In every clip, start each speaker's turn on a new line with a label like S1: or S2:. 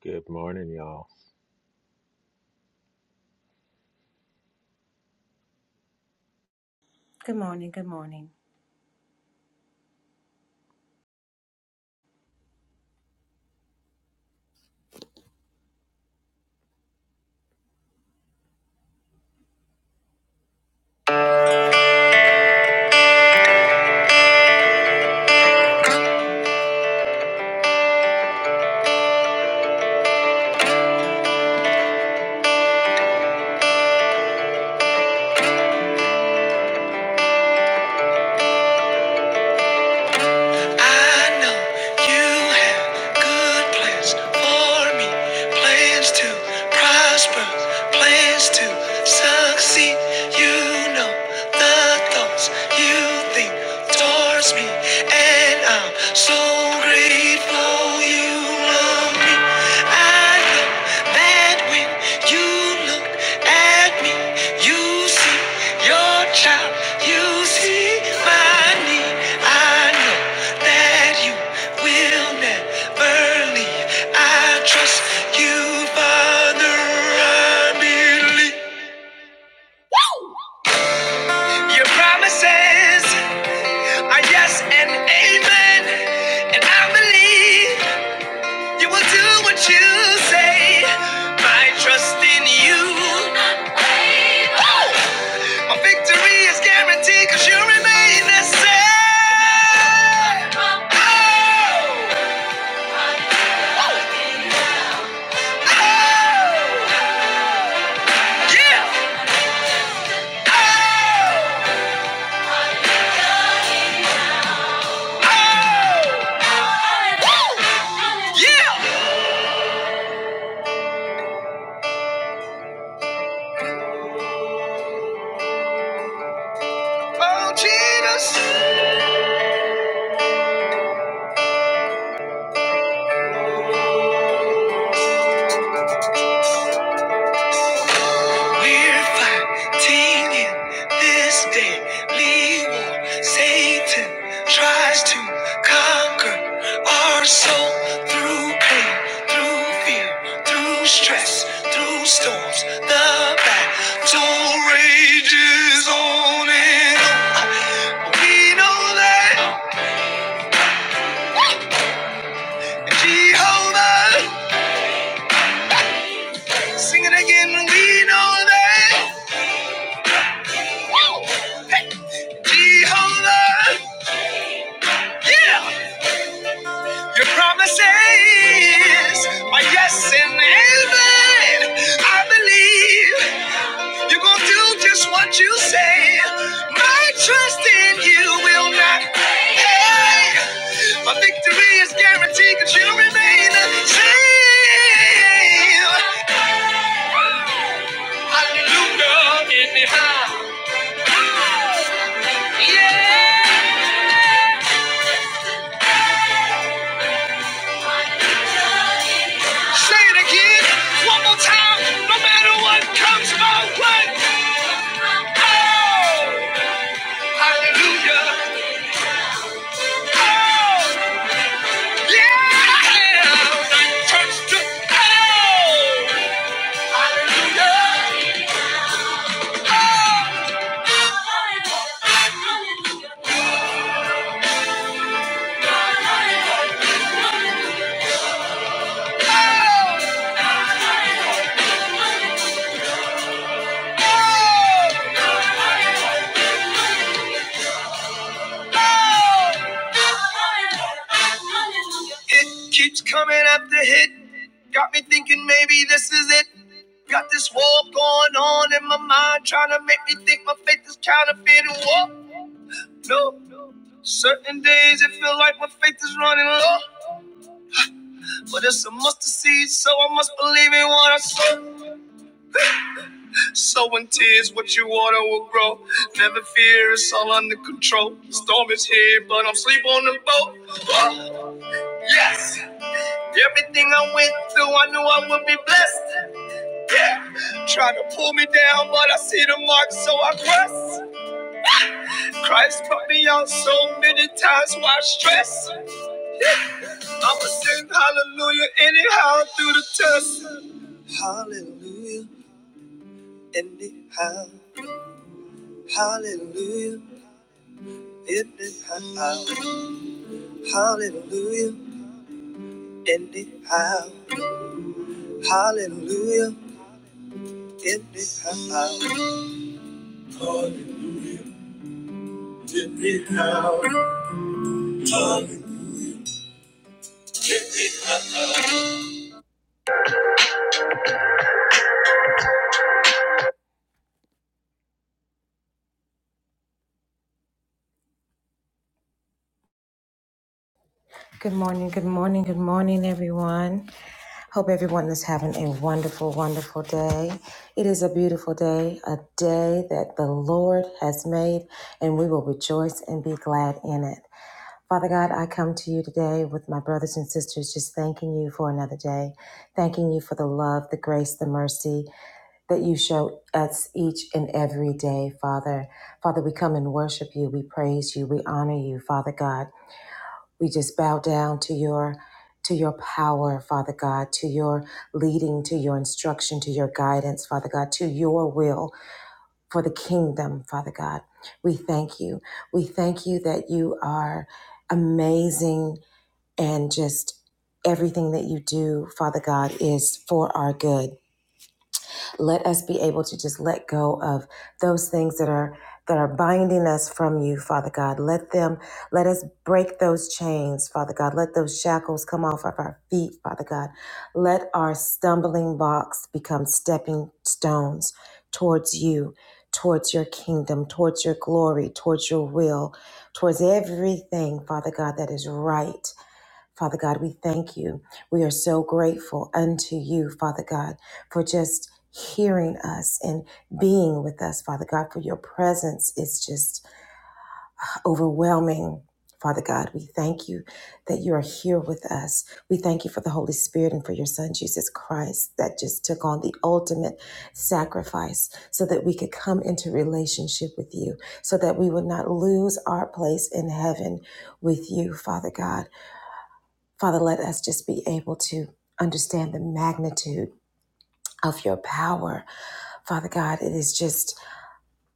S1: Good morning, y'all.
S2: Good morning. Good morning. I know you have good plans for me, plans to prosper, plans to succeed. You know the thoughts you think towards me, and I'm so grateful you love me. I know that when you look at me, you see your child, you see my need. I know that you will never leave. I trust you, Father. I believe your promises are yes and amen, and I believe. You will do what you say. My trust in you. My victory is guaranteed because you remain the same. Oh, oh, yeah. Oh, oh, yeah. Oh, Jesus. We're fighting in this daily war. Satan tries to conquer our soul through pain, through fear, through stress, through storms. The battle rages on and on. We know that Jehovah. Sing it again. We know that Jehovah. yeah. Your promises are yes and amen. I believe you're gonna do just what you say. My trust in you will not fail. My victory is guaranteed because you remain the same. Hallelujah in the high. Yeah. Say it again, one more time. No matter what comes my way. Oh. Hallelujah. Oh, yeah. Like church to oh, hallelujah. Oh. It keeps coming after hit. Got me thinking maybe this is it. Got this war going on in my mind, trying to make me think my faith is counterfeit. and War, no. Certain days it feel like my faith is running low, but it's a mustard seed, so I must believe in what I saw. So in tears, what you water will grow. Never fear, it's all under control. The Storm is here, but I'm sleep on the boat. Oh, yes! Everything I went through, I knew I would be blessed. Trying to pull me down, but I see the mark, so I press. Christ put me out so many times, why stress? I'ma sing hallelujah anyhow through the test. Hallelujah anyhow. Hallelujah anyhow. Hallelujah in the house. Hallelujah in the house. Good morning, good morning, good morning, everyone. Hope everyone is having a wonderful, wonderful day. It is a beautiful day, a day that the Lord has made, and we will rejoice and be glad in it. Father God, I come to you today with my brothers and sisters, just thanking you for another day, thanking you for the love, the grace, the mercy, that you show us each and every day, Father. Father, we come and worship you. We praise you. We honor you, Father God. We just bow down to your to your power, Father God, to your leading, to your instruction, to your guidance, Father God, to your will for the kingdom, Father God. We thank you. We thank you that you are amazing and just everything that you do, Father God, is for our good. Let us be able to just let go of those things that are that are binding us from you, Father God. Let them let us break those chains, Father God. Let those shackles come off of our feet, Father God. Let our stumbling blocks become stepping stones towards you, towards your kingdom, towards your glory, towards your will, towards everything, Father God, that is right Father God, we thank you. We are so grateful unto you, Father God, for just hearing us and being with us, Father God, for your presence is just overwhelming. Father God, we thank you that you are here with us. We thank you for the Holy Spirit and for your Son, Jesus Christ, that just took on the ultimate sacrifice so that we could come into relationship with you, so that we would not lose our place in heaven with you, Father God. Father, let us just be able to understand the magnitude of your power. Father God, it is just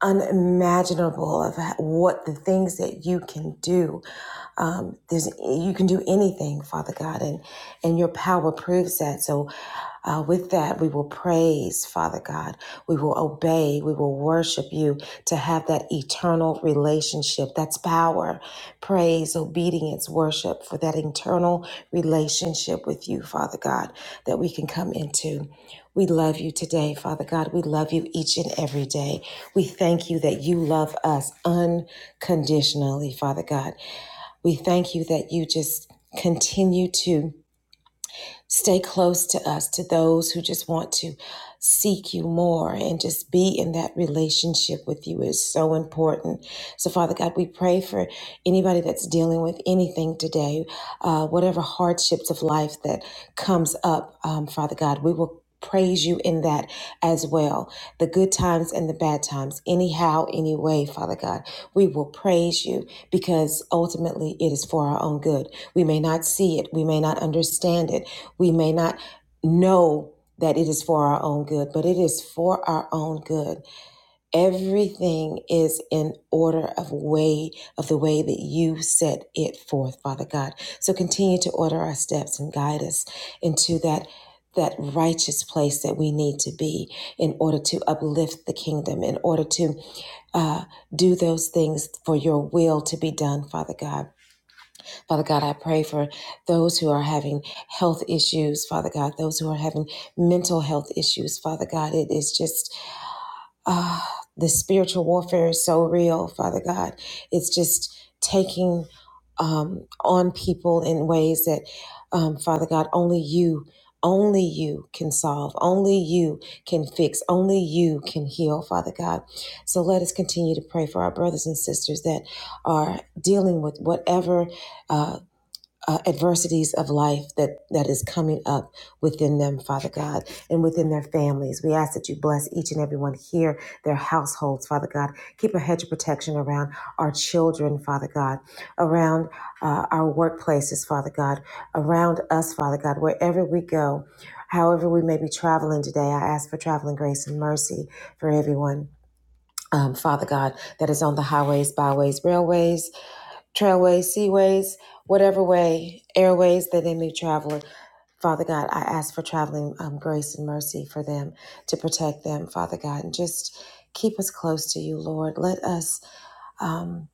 S2: unimaginable of what the things that you can do. Um, there's you can do anything, Father God, and and your power proves that. So, uh, with that, we will praise, Father God. We will obey. We will worship you to have that eternal relationship. That's power, praise, obedience, worship for that eternal relationship with you, Father God, that we can come into. We love you today, Father God. We love you each and every day. We thank you that you love us unconditionally, Father God. We thank you that you just continue to. Stay close to us, to those who just want to seek you more and just be in that relationship with you is so important. So, Father God, we pray for anybody that's dealing with anything today, uh, whatever hardships of life that comes up, um, Father God, we will. Praise you in that as well. The good times and the bad times, anyhow, anyway, Father God, we will praise you because ultimately it is for our own good. We may not see it, we may not understand it, we may not know that it is for our own good, but it is for our own good. Everything is in order of way of the way that you set it forth, Father God. So continue to order our steps and guide us into that that righteous place that we need to be in order to uplift the kingdom, in order to uh, do those things for your will to be done, Father God. Father God, I pray for those who are having health issues, Father God, those who are having mental health issues, Father God. It is just, ah, the spiritual warfare is so real, Father God. It's just taking um, on people in ways that, um, Father God, only you. Only you can solve. Only you can fix. Only you can heal, Father God. So let us continue to pray for our brothers and sisters that are dealing with whatever uh, uh, adversities of life that that is coming up within them father god and within their families we ask that you bless each and everyone here their households father god keep a hedge of protection around our children father god around uh, our workplaces father god around us father god wherever we go however we may be traveling today i ask for traveling grace and mercy for everyone um, Father God, that is on the highways, byways, railways, trailways, seaways, whatever way, airways that they may travel. in. Father God, I ask for traveling um, grace and mercy for them to protect them, Father God, and just keep us close to you, Lord. Let us um,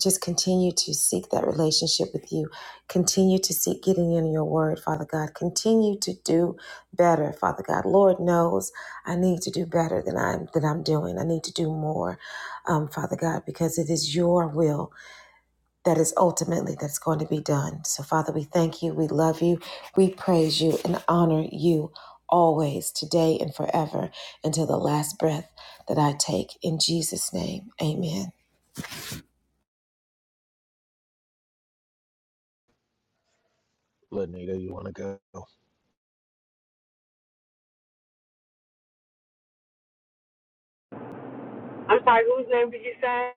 S2: just continue to seek that relationship with you. Continue to seek getting in your word, Father God. Continue to do better, Father God. Lord knows I need to do better than I'm than I'm doing. I need to do more, um, Father God, because it is your will that is ultimately that's going to be done. So, Father, we thank you, we love you, we praise you, and honor you always, today and forever, until the last breath that I take. In Jesus' name, amen.
S1: Lenita, you want to go?
S3: I'm sorry, whose name did you say?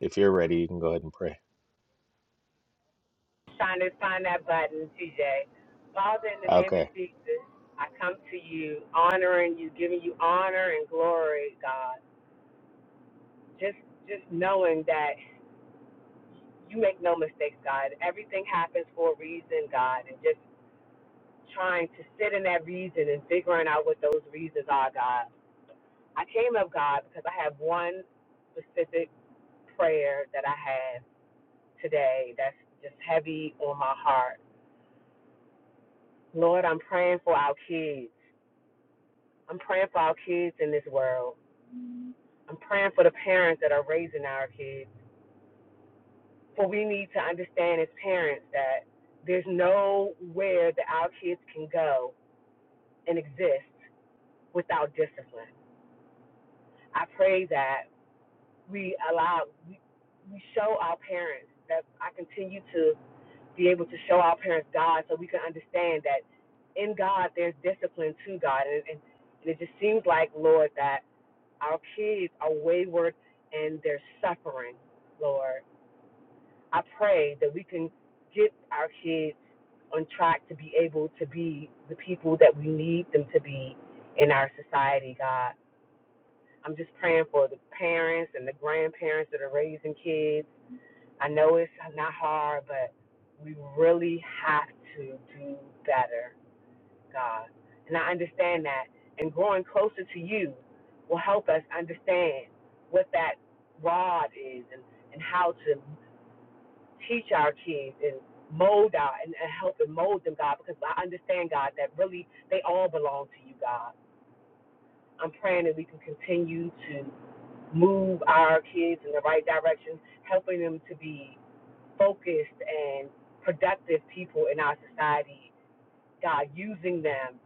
S1: If you're ready, you can go ahead and pray.
S3: Trying to find that button, TJ. Father, in the name of
S1: Okay.
S3: Jesus, I come to you, honoring you, giving you honor and glory, God. Just, just knowing that you make no mistakes, God. Everything happens for a reason, God, and just trying to sit in that reason and figuring out what those reasons are, God. I came up, God, because I have one specific prayer that I have today that's just heavy on my heart Lord, I'm praying for our kids. I'm praying for our kids in this world. I'm praying for the parents that are raising our kids. For we need to understand as parents that there's nowhere that our kids can go and exist without discipline. I pray that we allow, we, show our parents that I continue to be able to show our parents God so we can understand that in God there's discipline to God. And, and, and it just seems like, Lord, that Our kids are wayward and they're suffering, Lord. I pray that we can get our kids on track to be able to be the people that we need them to be in our society, God. I'm just praying for the parents and the grandparents that are raising kids. I know it's not hard, but we really have to do better God. And I understand that. And growing closer to you will help us understand what that rod is and, and how to teach our kids and mold our and, and help and mold them, God, because I understand, God, that really they all belong to you, God. I'm praying that we can continue to move our kids in the right direction, helping them to be focused and productive people in our society God, using them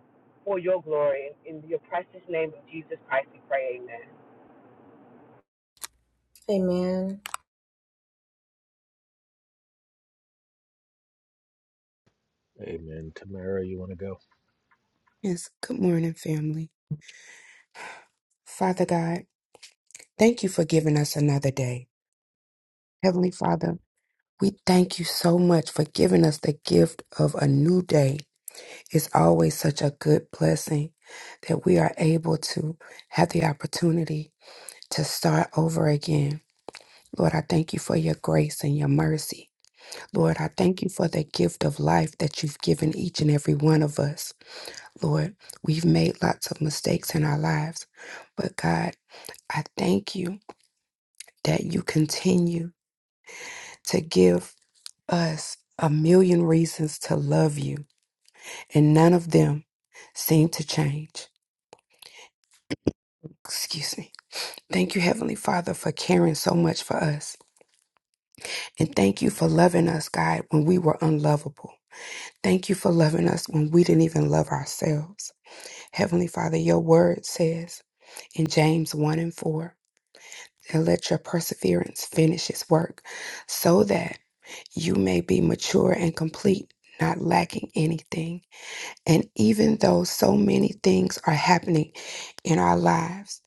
S3: for your glory. In, in your precious name of Jesus Christ, we pray, amen.
S2: Amen.
S1: Amen. Tamara, you want to go?
S4: Yes, good morning, family. Father God, thank you for giving us another day. Heavenly Father, we thank you so much for giving us the gift of a new day. It's always such a good blessing that we are able to have the opportunity to start over again. Lord, I thank you for your grace and your mercy. Lord, I thank you for the gift of life that you've given each and every one of us. Lord, we've made lots of mistakes in our lives, but God, I thank you that you continue to give us a million reasons to love you, and none of them seem to change. Excuse me. Thank you, Heavenly Father, for caring so much for us. And thank you for loving us, God, when we were unlovable. Thank you for loving us when we didn't even love ourselves. Heavenly Father, your word says in James 1 and 4, and let your perseverance finish its work so that you may be mature and complete, not lacking anything. And even though so many things are happening in our lives,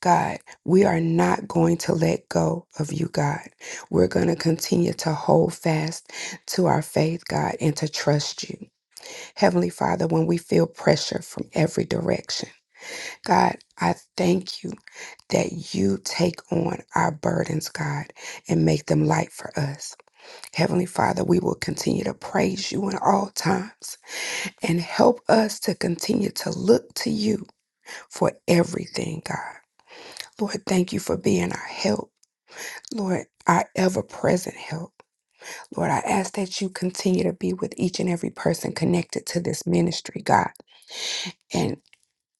S4: God, we are not going to let go of you, God. We're going to continue to hold fast to our faith, God, and to trust you. Heavenly Father, when we feel pressure from every direction, God, I thank you that you take on our burdens, God, and make them light for us. Heavenly Father, we will continue to praise you in all times and help us to continue to look to you for everything, God. Lord, thank you for being our help. Lord, our ever present help. Lord, I ask that you continue to be with each and every person connected to this ministry, God, and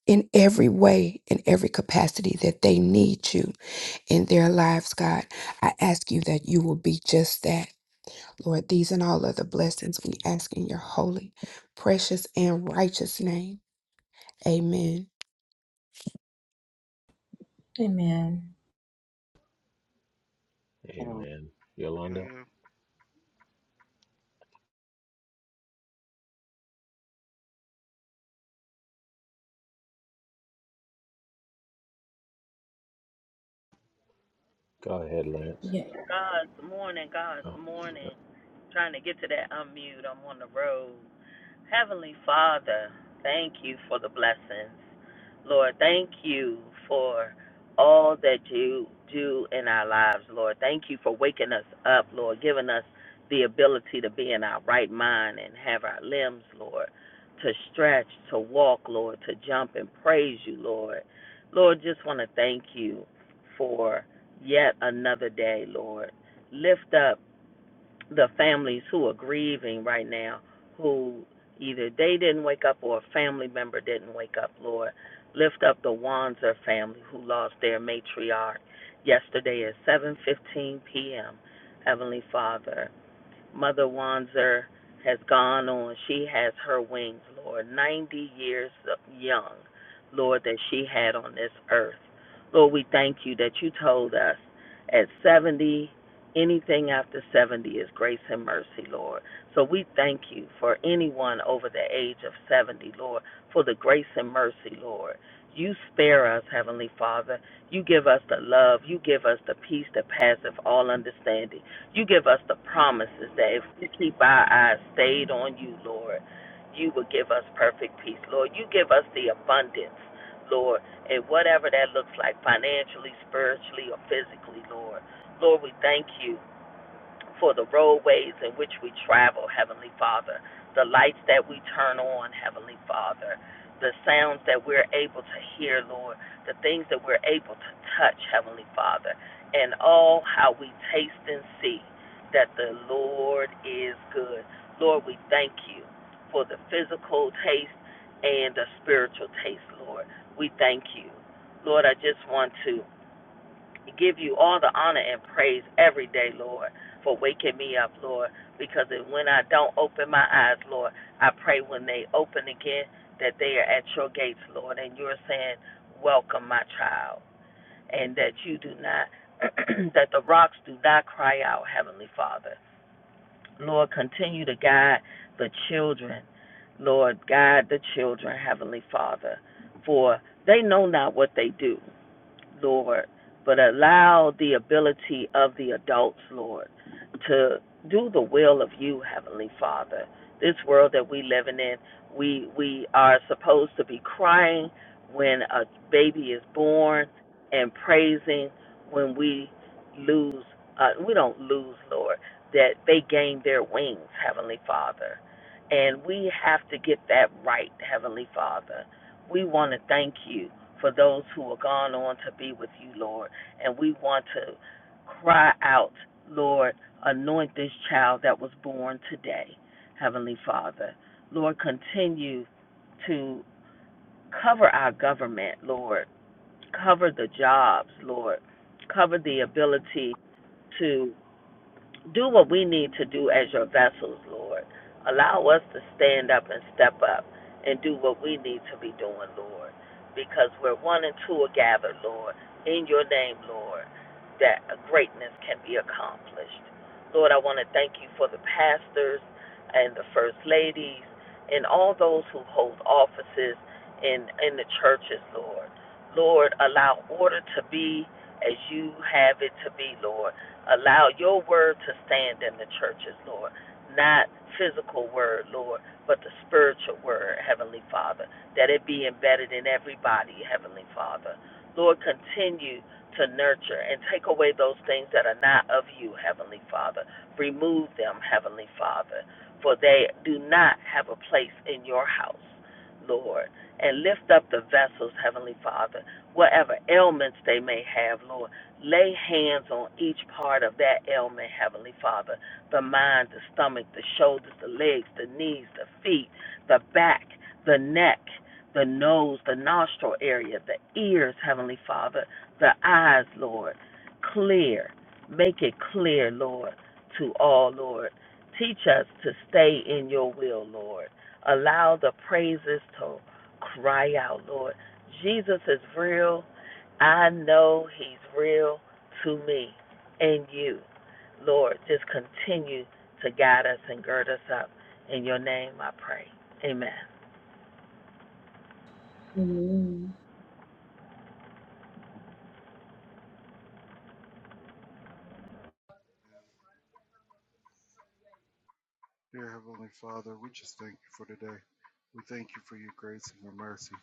S4: in every way, in every capacity that they need you in their lives, God. I ask you that you will be just that Lord, these and all other blessings we ask in your holy, precious, and righteous name. Amen.
S2: Amen.
S5: Oh,
S1: Amen.
S5: yeah,
S1: Yolanda,
S5: yeah.
S1: go ahead, Lance.
S2: Yeah.
S6: God's morning, God's
S1: Oh,
S6: morning. Trying to get to that unmute. I'm on the road. Heavenly Father, thank you for the blessings. Lord, thank you for all that you do in our lives, Lord. Thank you for waking us up, Lord, giving us the ability to be in our right mind and have our limbs, Lord, to stretch, to walk, Lord, to jump and praise you, Lord. Lord, just want to thank you for yet another day, Lord. Lift up the families who are grieving right now, who either they didn't wake up or a family member didn't wake up, Lord. Lift up the Wanzer family who lost their matriarch yesterday at 7:15 p.m. Heavenly Father, Mother Wanzer has gone on. She has her wings, Lord, 90 years young, Lord, that she had on this earth. Lord, we thank you that you told us at 70, anything after 70 is grace and mercy, Lord. So we thank you for anyone over the age of 70, Lord, for the grace and mercy, Lord. You spare us, Heavenly Father. You give us the love. You give us the peace that passeth all understanding. You give us the promises that if we keep our eyes stayed on you, Lord, you will give us perfect peace, Lord. You give us the abundance, Lord, and whatever that looks like financially, spiritually, or physically, Lord. Lord, we thank you for the roadways in which we travel, Heavenly Father, the lights that we turn on, Heavenly Father, the sounds that we're able to hear, Lord, the things that we're able to touch, Heavenly Father, and all how we taste and see that the Lord is good. Lord, we thank you for the physical taste and the spiritual taste, Lord. We thank you. Lord, I just want to give you all the honor and praise every day, Lord, for waking me up, Lord. Because when I don't open my eyes, Lord, I pray when they open again that they are at your gates, Lord, and you're saying, Welcome, my child, and that you do not, that the rocks do not cry out, Heavenly Father. Lord, continue to guide the children. Lord, guide the children, Heavenly Father, for they know not what they do. Lord, but allow the ability of the adults, Lord, to do the will of you, Heavenly Father. This world that we living in, we we are supposed to be crying when a baby is born and praising when we lose uh, we don't lose, Lord, that they gain their wings, Heavenly Father. And we have to get that right, Heavenly Father. We want to thank you for those who are gone on to be with you, Lord. And we want to cry out, Lord, anoint this child that was born today, Heavenly Father. Lord, continue to cover our government, Lord. Cover the jobs, Lord. Cover the ability to. Do what we need to do as your vessels, Lord. Allow us to stand up and step up and do what we need to be doing, Lord. Because where one and two are gathered, Lord, in your name, Lord, that greatness can be accomplished. Lord, I want to thank you for the pastors and the first ladies and all those who hold offices in, in the churches, Lord. Lord, allow order to be as you have it to be, Lord Allow your word to stand in the churches, Lord. Not physical word, Lord, but the spiritual word, Heavenly Father. That it be embedded in everybody, Heavenly Father. Lord, continue to nurture and take away those things that are not of you, Heavenly Father. Remove them, Heavenly Father, for they do not have a place in your house, Lord. And lift up the vessels, Heavenly Father, whatever ailments they may have, Lord Lay hands on each part of that ailment, Heavenly Father the mind, the stomach, the shoulders, the legs, the knees, the feet, the back, the neck, the nose, the nostril area, the ears, Heavenly Father, the eyes, Lord. Clear. Make it clear, Lord, to all, Lord. Teach us to stay in your will, Lord. Allow the praises to cry out, Lord. Jesus is real. I know He's real to me and you. Lord, just continue to guide us and gird us up. In your name I pray. Amen.
S2: Amen.
S5: And dear Heavenly Father, we just thank you for today. We thank you for your grace and your mercy.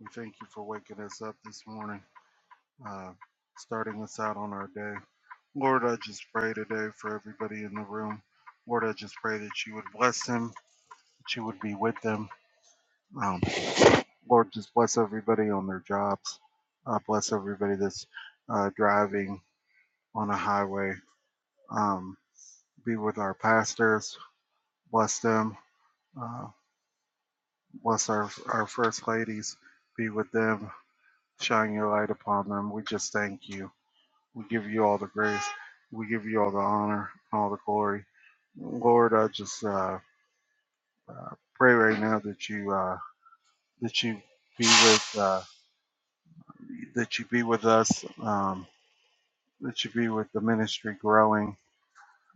S5: We thank you for waking us up this morning, uh, starting us out on our day. Lord, I just pray today for everybody in the room. Lord, I just pray that you would bless them, that you would be with them. Um, Lord, just bless everybody on their jobs. Uh, bless everybody that's uh, driving on a highway. Um, be with our pastors. Bless them. Uh, Bless our, our first ladies. Be with them. Shine your light upon them. We just thank you. We give you all the grace. We give you all the honor, all the glory. Lord, I just uh, uh, pray right now that you uh, that you be with uh, that you be with us. Um, that you be with the ministry growing.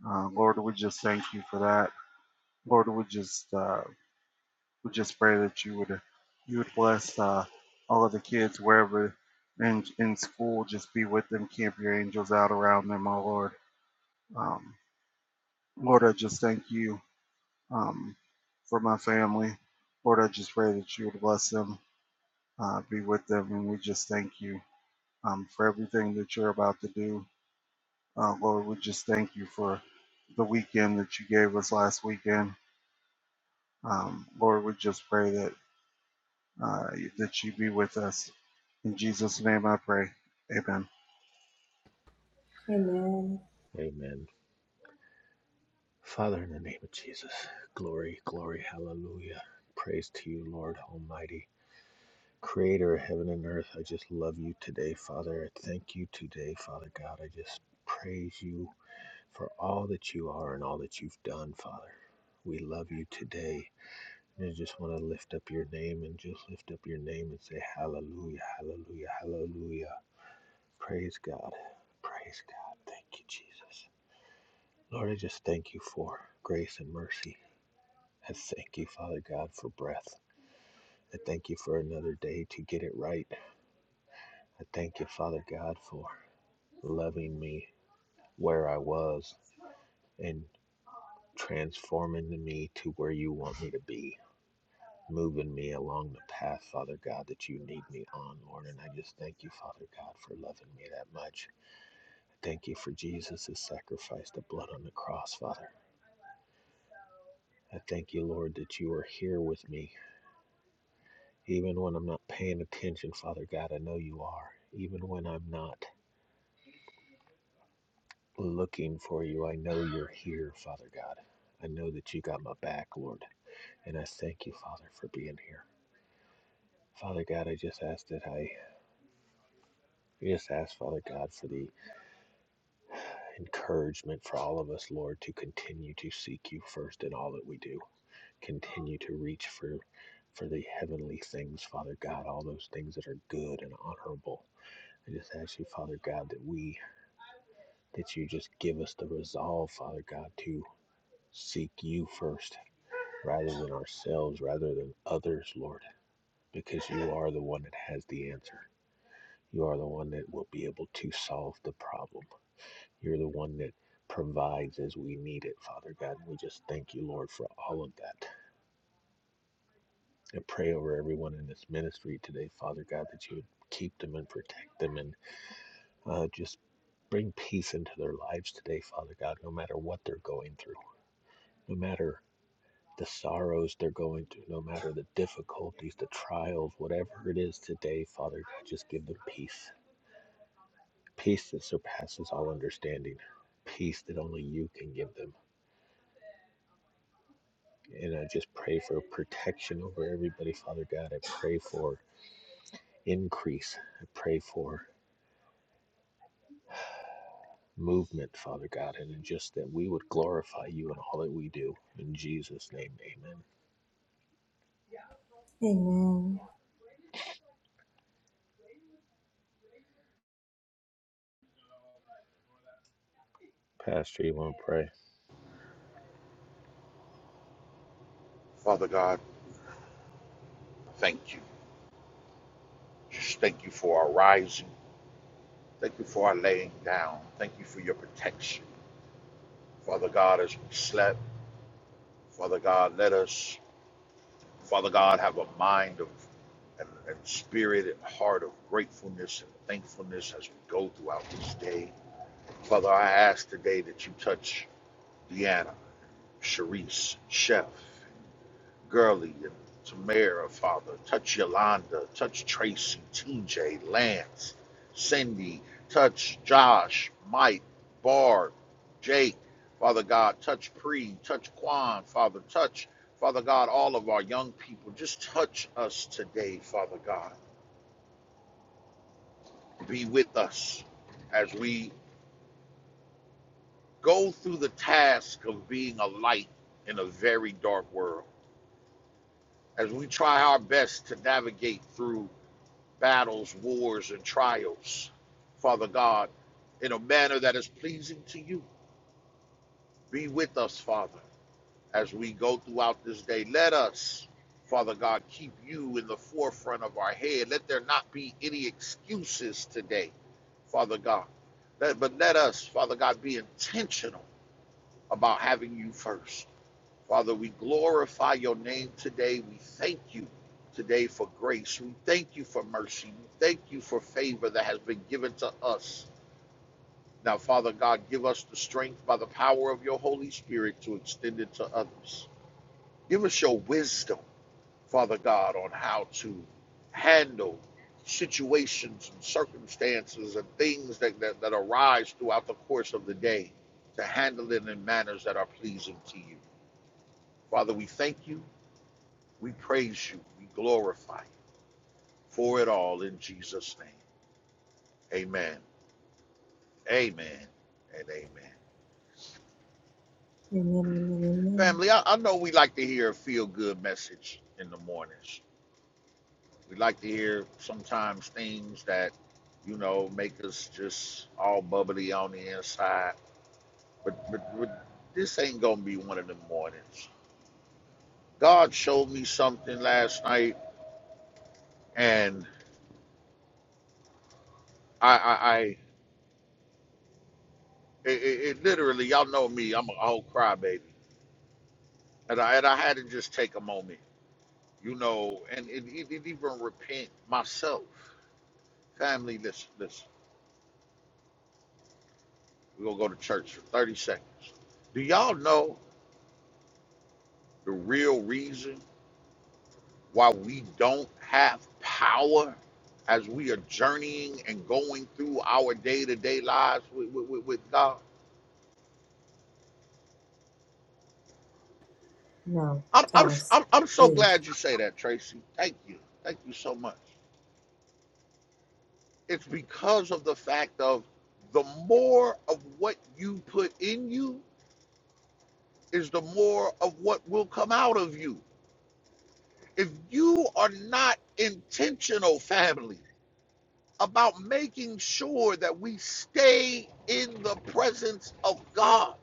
S5: Uh, Lord, we just thank you for that. Lord, we just uh, We just pray that you would you would bless uh, all of the kids wherever in in school. Just be with them. Camp your angels out around them, oh Lord. Um, Lord, I just thank you um, for my family. Lord, I just pray that you would bless them, uh, be with them, and we just thank you um, for everything that you're about to do. Uh, Lord, we just thank you for the weekend that you gave us last weekend. Um, Lord, we just pray that uh, that you be with us In Jesus' name I pray. Amen.
S2: Amen.
S1: amen. Father, in the name of Jesus, glory, glory, hallelujah. Praise to you, Lord Almighty, creator of heaven and earth. I just love you today, Father. I thank you today, Father God. I just praise you for all that you are and all that you've done, Father. We love you today. you just want to lift up your name and just lift up your name and say, Hallelujah, Hallelujah, Hallelujah. Praise God. Praise God. Thank you, Jesus. Lord, I just thank you for grace and mercy. I thank you, Father God, for breath. I thank you for another day to get it right. I thank you, Father God, for loving me where I was and transforming me to where you want me to be. moving me along the path, Father God, that you need me on, Lord. And I just thank you, Father God, for loving me that much. I thank you for Jesus' sacrifice, the blood on the cross, Father. I thank you, Lord, that you are here with me. Even when I'm not paying attention, Father God, I know you are. Even when I'm not looking for you, I know you're here, Father God. I know that you got my back, Lord. And I thank you, Father, for being here. Father God, I just ask that I I just ask, Father God, for the encouragement for all of us, Lord, to continue to seek you first in all that we do. Continue to reach for for the heavenly things, Father God, all those things that are good and honorable. I just ask you, Father God, that we that you just give us the resolve, Father God, to seek you first rather than ourselves, rather than others, Lord, because you are the one that has the answer. You are the one that will be able to solve the problem. You're the one that provides as we need it, Father God. And we just thank you, Lord, for all of that. I pray over everyone in this ministry today, Father God, that you would keep them and protect them and uh, just bring peace into their lives today, Father God, no matter what they're going through, no matter the sorrows they're going through, no matter the difficulties, the trials, whatever it is today, Father God, just give them peace. Peace that surpasses all understanding. Peace that only you can give them And I just pray for protection over everybody, Father God. I pray for increase. I pray for movement, Father God, and just that we would glorify you in all that we do. In Jesus' name, amen.
S2: Amen.
S1: Pastor, you want to pray?
S7: Father God, thank you. Just thank you for our rising. Thank you for our laying down. Thank you for your protection. Father God, as we slept, Father God, let us, Father God, have a mind of and, and spirit and heart of gratefulness and thankfulness as we go throughout this day. Father, I ask today that you touch Deanna, Sharice, Chef. Gurley and Tamara, Father. Touch Yolanda. Touch Tracy, TJ, Lance, Cindy. Touch Josh, Mike, Bard, Jake. Father God, touch Pre, touch Quan, Father. Touch, Father God, all of our young people. Just touch us today, Father God. Be with us as we go through the task of being a light in a very dark world. As we try our best to navigate through battles, wars, and trials, Father God, in a manner that is pleasing to you. Be with us, Father, as we go throughout this day. Let us, Father God, keep you in the forefront of our head. Let there not be any excuses today, Father God. Let- but let us, Father God, be intentional about having you first. Father, we glorify your name today. We thank you today for grace. We thank you for mercy. We thank you for favor that has been given to us. Now, Father God, give us the strength by the power of your Holy Spirit to extend it to others. Give us your wisdom, Father God, on how to handle situations and circumstances and things that, that, that arise throughout the course of the day, to handle it in manners that are pleasing to you. Father, we thank you We praise you. We glorify you for it all in Jesus' name. Amen. Amen. And amen.
S2: Amen. Amen. Amen.
S7: Family, I, I know we like to hear a feel good message in the mornings. We like to hear sometimes things that, you know, make us just all bubbly on the inside. But, but, but this ain't going to be one of them mornings. God showed me something last night, and I, I, I it, it, it literally, y'all know me, I'm a whole crybaby. And I, and I had to just take a moment, you know, and it, it, it even repent myself. Family, listen, listen. We're going to go to church for 30 seconds. Do y'all know the real reason why we don't have power as we are journeying and going through our day to day lives with, with, with, with God?
S2: No,
S7: I'm, I'm,
S2: tell us,
S7: I'm I'm so
S2: please.
S7: glad you say that, Tracy. Thank you. Thank you so much. It's because of the fact of the more of what you put in you, is the more of what will come out of you. If you are not intentional, family, about making sure that we stay in the presence of God,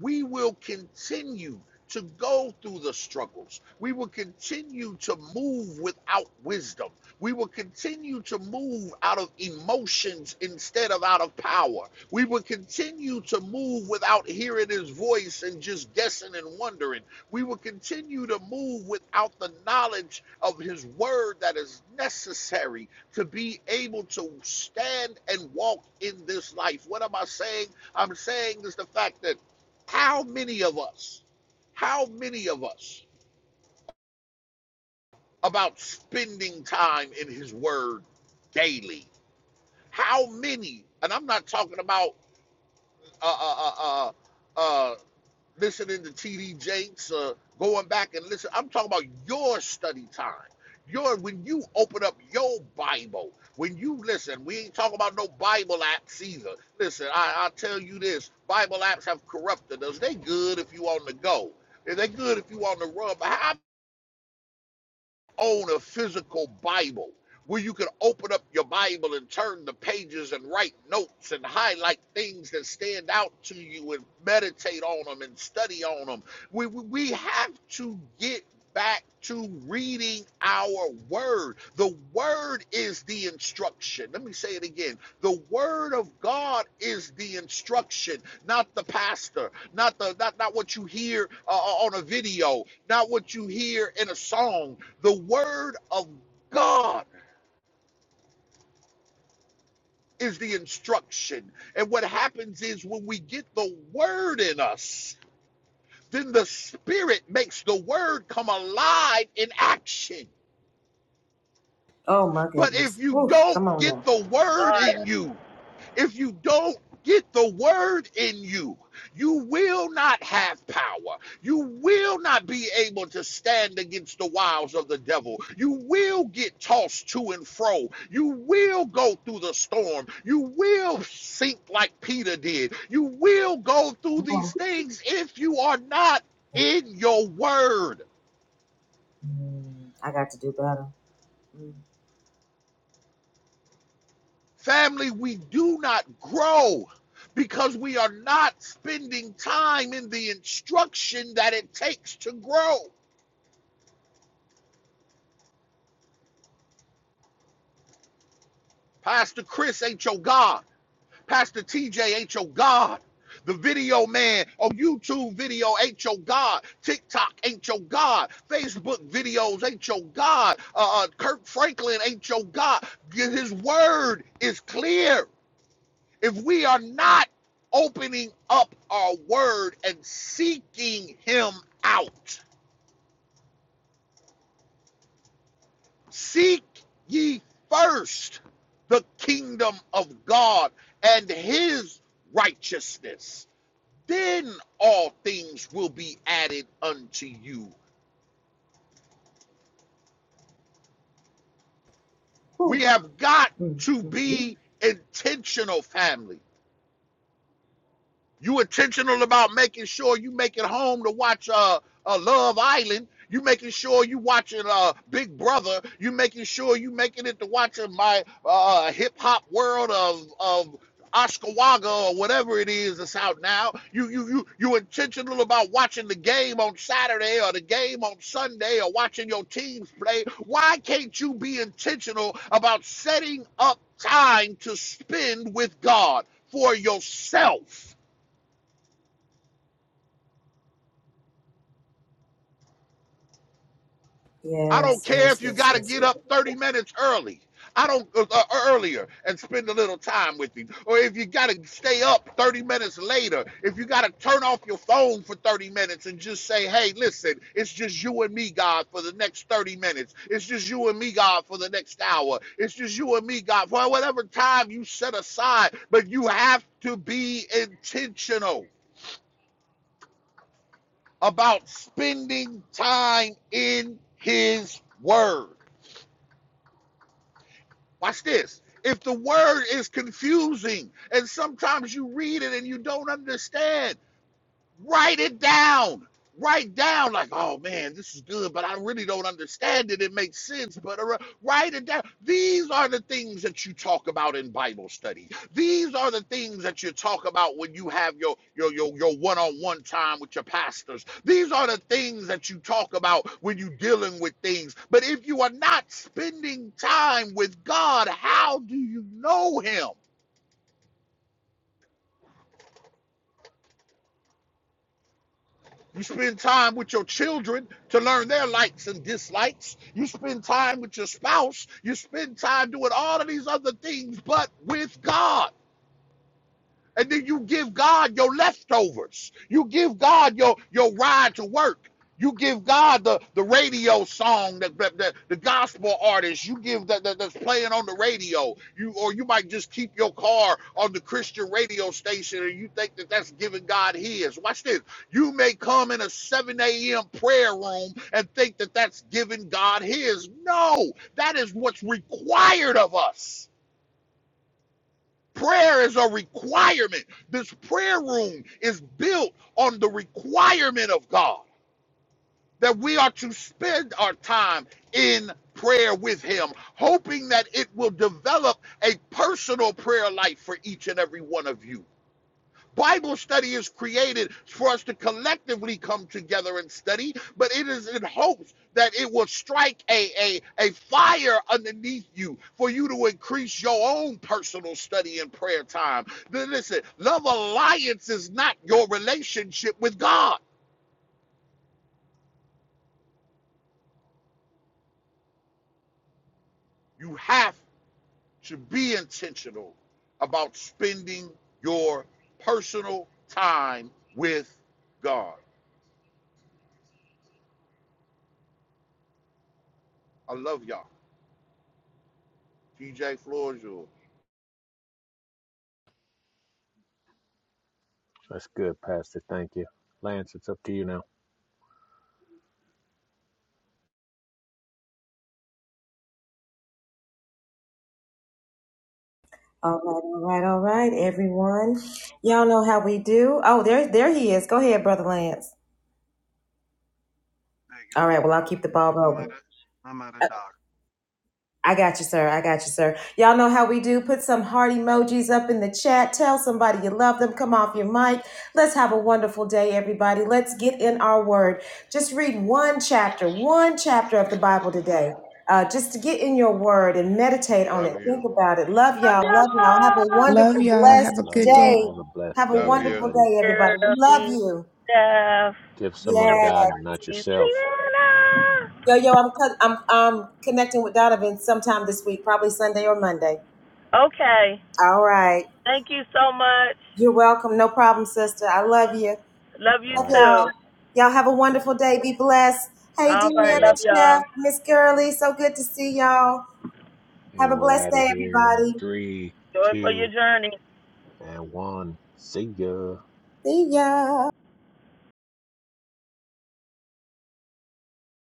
S7: we will continue to go through the struggles. We will continue to move without wisdom. We will continue to move out of emotions instead of out of power. We will continue to move without hearing his voice and just guessing and wondering. We will continue to move without the knowledge of his word that is necessary to be able to stand and walk in this life. What am I saying? I'm saying is the fact that how many of us, how many of us about spending time in His Word daily? How many, and I'm not talking about uh, uh, uh, uh, uh, listening to TD Jakes or going back and listen. I'm talking about your study time. Your when you open up your Bible, when you listen, we ain't talking about no Bible apps either. Listen, I, I'll tell you this: Bible apps have corrupted us. They good if you on the go. They good if you on the run. But how own a physical Bible where you can open up your Bible and turn the pages and write notes and highlight things that stand out to you and meditate on them and study on them. We, we have to get back to reading our word. The word is the instruction. Let me say it again. The word of God is the instruction, not the pastor, not the not not what you hear uh, on a video, not what you hear in a song, the word of God is the instruction. And what happens is when we get the word in us, then the spirit makes the word come alive in action.
S2: Oh my
S7: But if
S2: goodness.
S7: you
S2: Woo,
S7: don't
S2: come on
S7: get
S2: now.
S7: the word in
S6: Lord,
S7: you, If you don't get the word in you, you will not have power. You will not be able to stand against the wiles of the devil. You will get tossed to and fro. You will go through the storm. You will sink like Peter did. You will go through
S2: Come
S7: these
S2: on.
S7: things if you are not in your word.
S2: Mm, I got to do better. Mm.
S7: Family, we do not grow because we are not spending time in the instruction that it takes to grow. Pastor Chris ain't your God. Pastor TJ ain't your God. The video man on YouTube video ain't your God. TikTok ain't your God. Facebook videos ain't your God. Uh, uh, Kirk Franklin ain't your God. His word is clear. if we are not opening up our word and seeking him out, seek ye first the kingdom of God and his righteousness, then all things will be added unto you. We
S2: Woo.
S7: have got
S2: Mm,
S7: to
S2: mm, mm.
S7: be intentional, family You intentional about making sure you make it home to watch uh, uh Love Island. You making sure you watching uh Big Brother. You making sure you making it to watching my uh uh, hip hop world of of Oscawaga or whatever it is that's out now. You you you you intentional about watching the game on Saturday or the game on Sunday or watching your teams play. Why can't you be intentional about setting up time to spend with God for yourself? I don't
S2: Yes,
S7: care
S2: yes,
S7: if you
S2: yes,
S7: got to
S2: yes,
S7: get
S2: yes.
S7: up 30 minutes early. I don't uh, uh, earlier and spend a little time with you, Or if you got to stay up 30 minutes later, if you got to turn off your phone for 30 minutes and just say, "Hey, listen, it's just you and me, God, for the next 30 minutes. It's just you and me, God, for the next hour. It's just you and me, God, for whatever time you set aside, but you have to be intentional about spending time in his word." Watch this. If the word is confusing and sometimes you read it and you don't understand, write it down. Write down like, oh man, this is good, but I really don't understand it. It makes sense, but uh, write it down. These are the things that you talk about in Bible study. These are the things that you talk about when you have your your your your one-on-one time with your pastors. These are the things that you talk about when you're dealing with things. But if you are not spending time with God, how do you know Him? You spend time with your children to learn their likes and dislikes. You spend time with your spouse. You spend time doing all of these other things, but with God. And then you give God your leftovers. You give God your, your ride to work. You give God the, the radio song that, that, the gospel artist you give that, that that's playing on the radio. You or you might just keep your car on the Christian radio station and you think that that's giving God His. Watch this. You may come in a 7 a.m. prayer room and think that that's giving God His. No, that is what's required of us. Prayer is a requirement. This prayer room is built on the requirement of God that we are to spend our time in prayer with Him, hoping that it will develop a personal prayer life for each and every one of you. Bible study is created for us to collectively come together and study, but it is in hopes that it will strike a, a, a fire underneath you for you to increase your own personal study and prayer time. Then listen, love alliance is not your relationship with God. You have to be intentional about spending your personal time with God. I love y'all. TJ Floors,
S1: That's good, Pastor. Thank you. Lance, it's up to you now.
S2: All right, all right, all right, everyone. Y'all know how we do. Oh, there, there he is. Go ahead, brother Lance.
S5: Take it
S2: All right.
S5: over.
S2: Well, I'll
S5: I'm,
S2: keep the ball
S5: I'm,
S2: rolling.
S5: at, a, I'm at a doctor.
S2: I got you, sir. I got you, sir. Y'all know how we do. Put some heart emojis up in the chat. Tell somebody you love them. Come off your mic. Let's have a wonderful day, everybody. Let's get in our word. Just read one chapter, one chapter of the Bible today. Uh, just to get in your word and meditate on it.
S7: love you.
S2: Think about it. Love y'all. Love y'all. Have a
S4: Love
S2: wonderful,
S4: y'all. Have
S2: blessed
S4: a
S1: Love
S4: good day.
S1: y'all.
S2: day.
S1: Have a blessed
S7: We
S2: Have a
S1: day,
S7: love you.
S2: wonderful
S1: everybody.
S2: day, everybody. We Love
S6: Shirley,
S2: you.
S6: Steph,
S1: Give someone
S2: Yeah.
S1: God, not
S6: Therese.
S1: yourself.
S2: Yo, yo, I'm, I'm, I'm connecting with Donovan sometime this week, probably Sunday or Monday.
S6: Okay.
S2: All right.
S6: Thank you so much.
S2: You're welcome. No problem, sister. I love you.
S6: Love you
S2: Love
S1: All right.
S6: too.
S2: y'all. Y'all have a
S1: All right.
S2: wonderful day. Be blessed. Hey,
S6: All right.
S2: Deanna,
S6: Love
S1: Yes.
S2: Chef,
S6: y'all.
S2: Miss Gurley. So good to see y'all. Have
S1: And
S2: a
S1: we're
S2: blessed
S1: out of
S2: day,
S1: here in
S2: everybody.
S1: three,
S6: Joy for your
S1: two,
S6: journey.
S1: and one. See ya.
S2: See ya.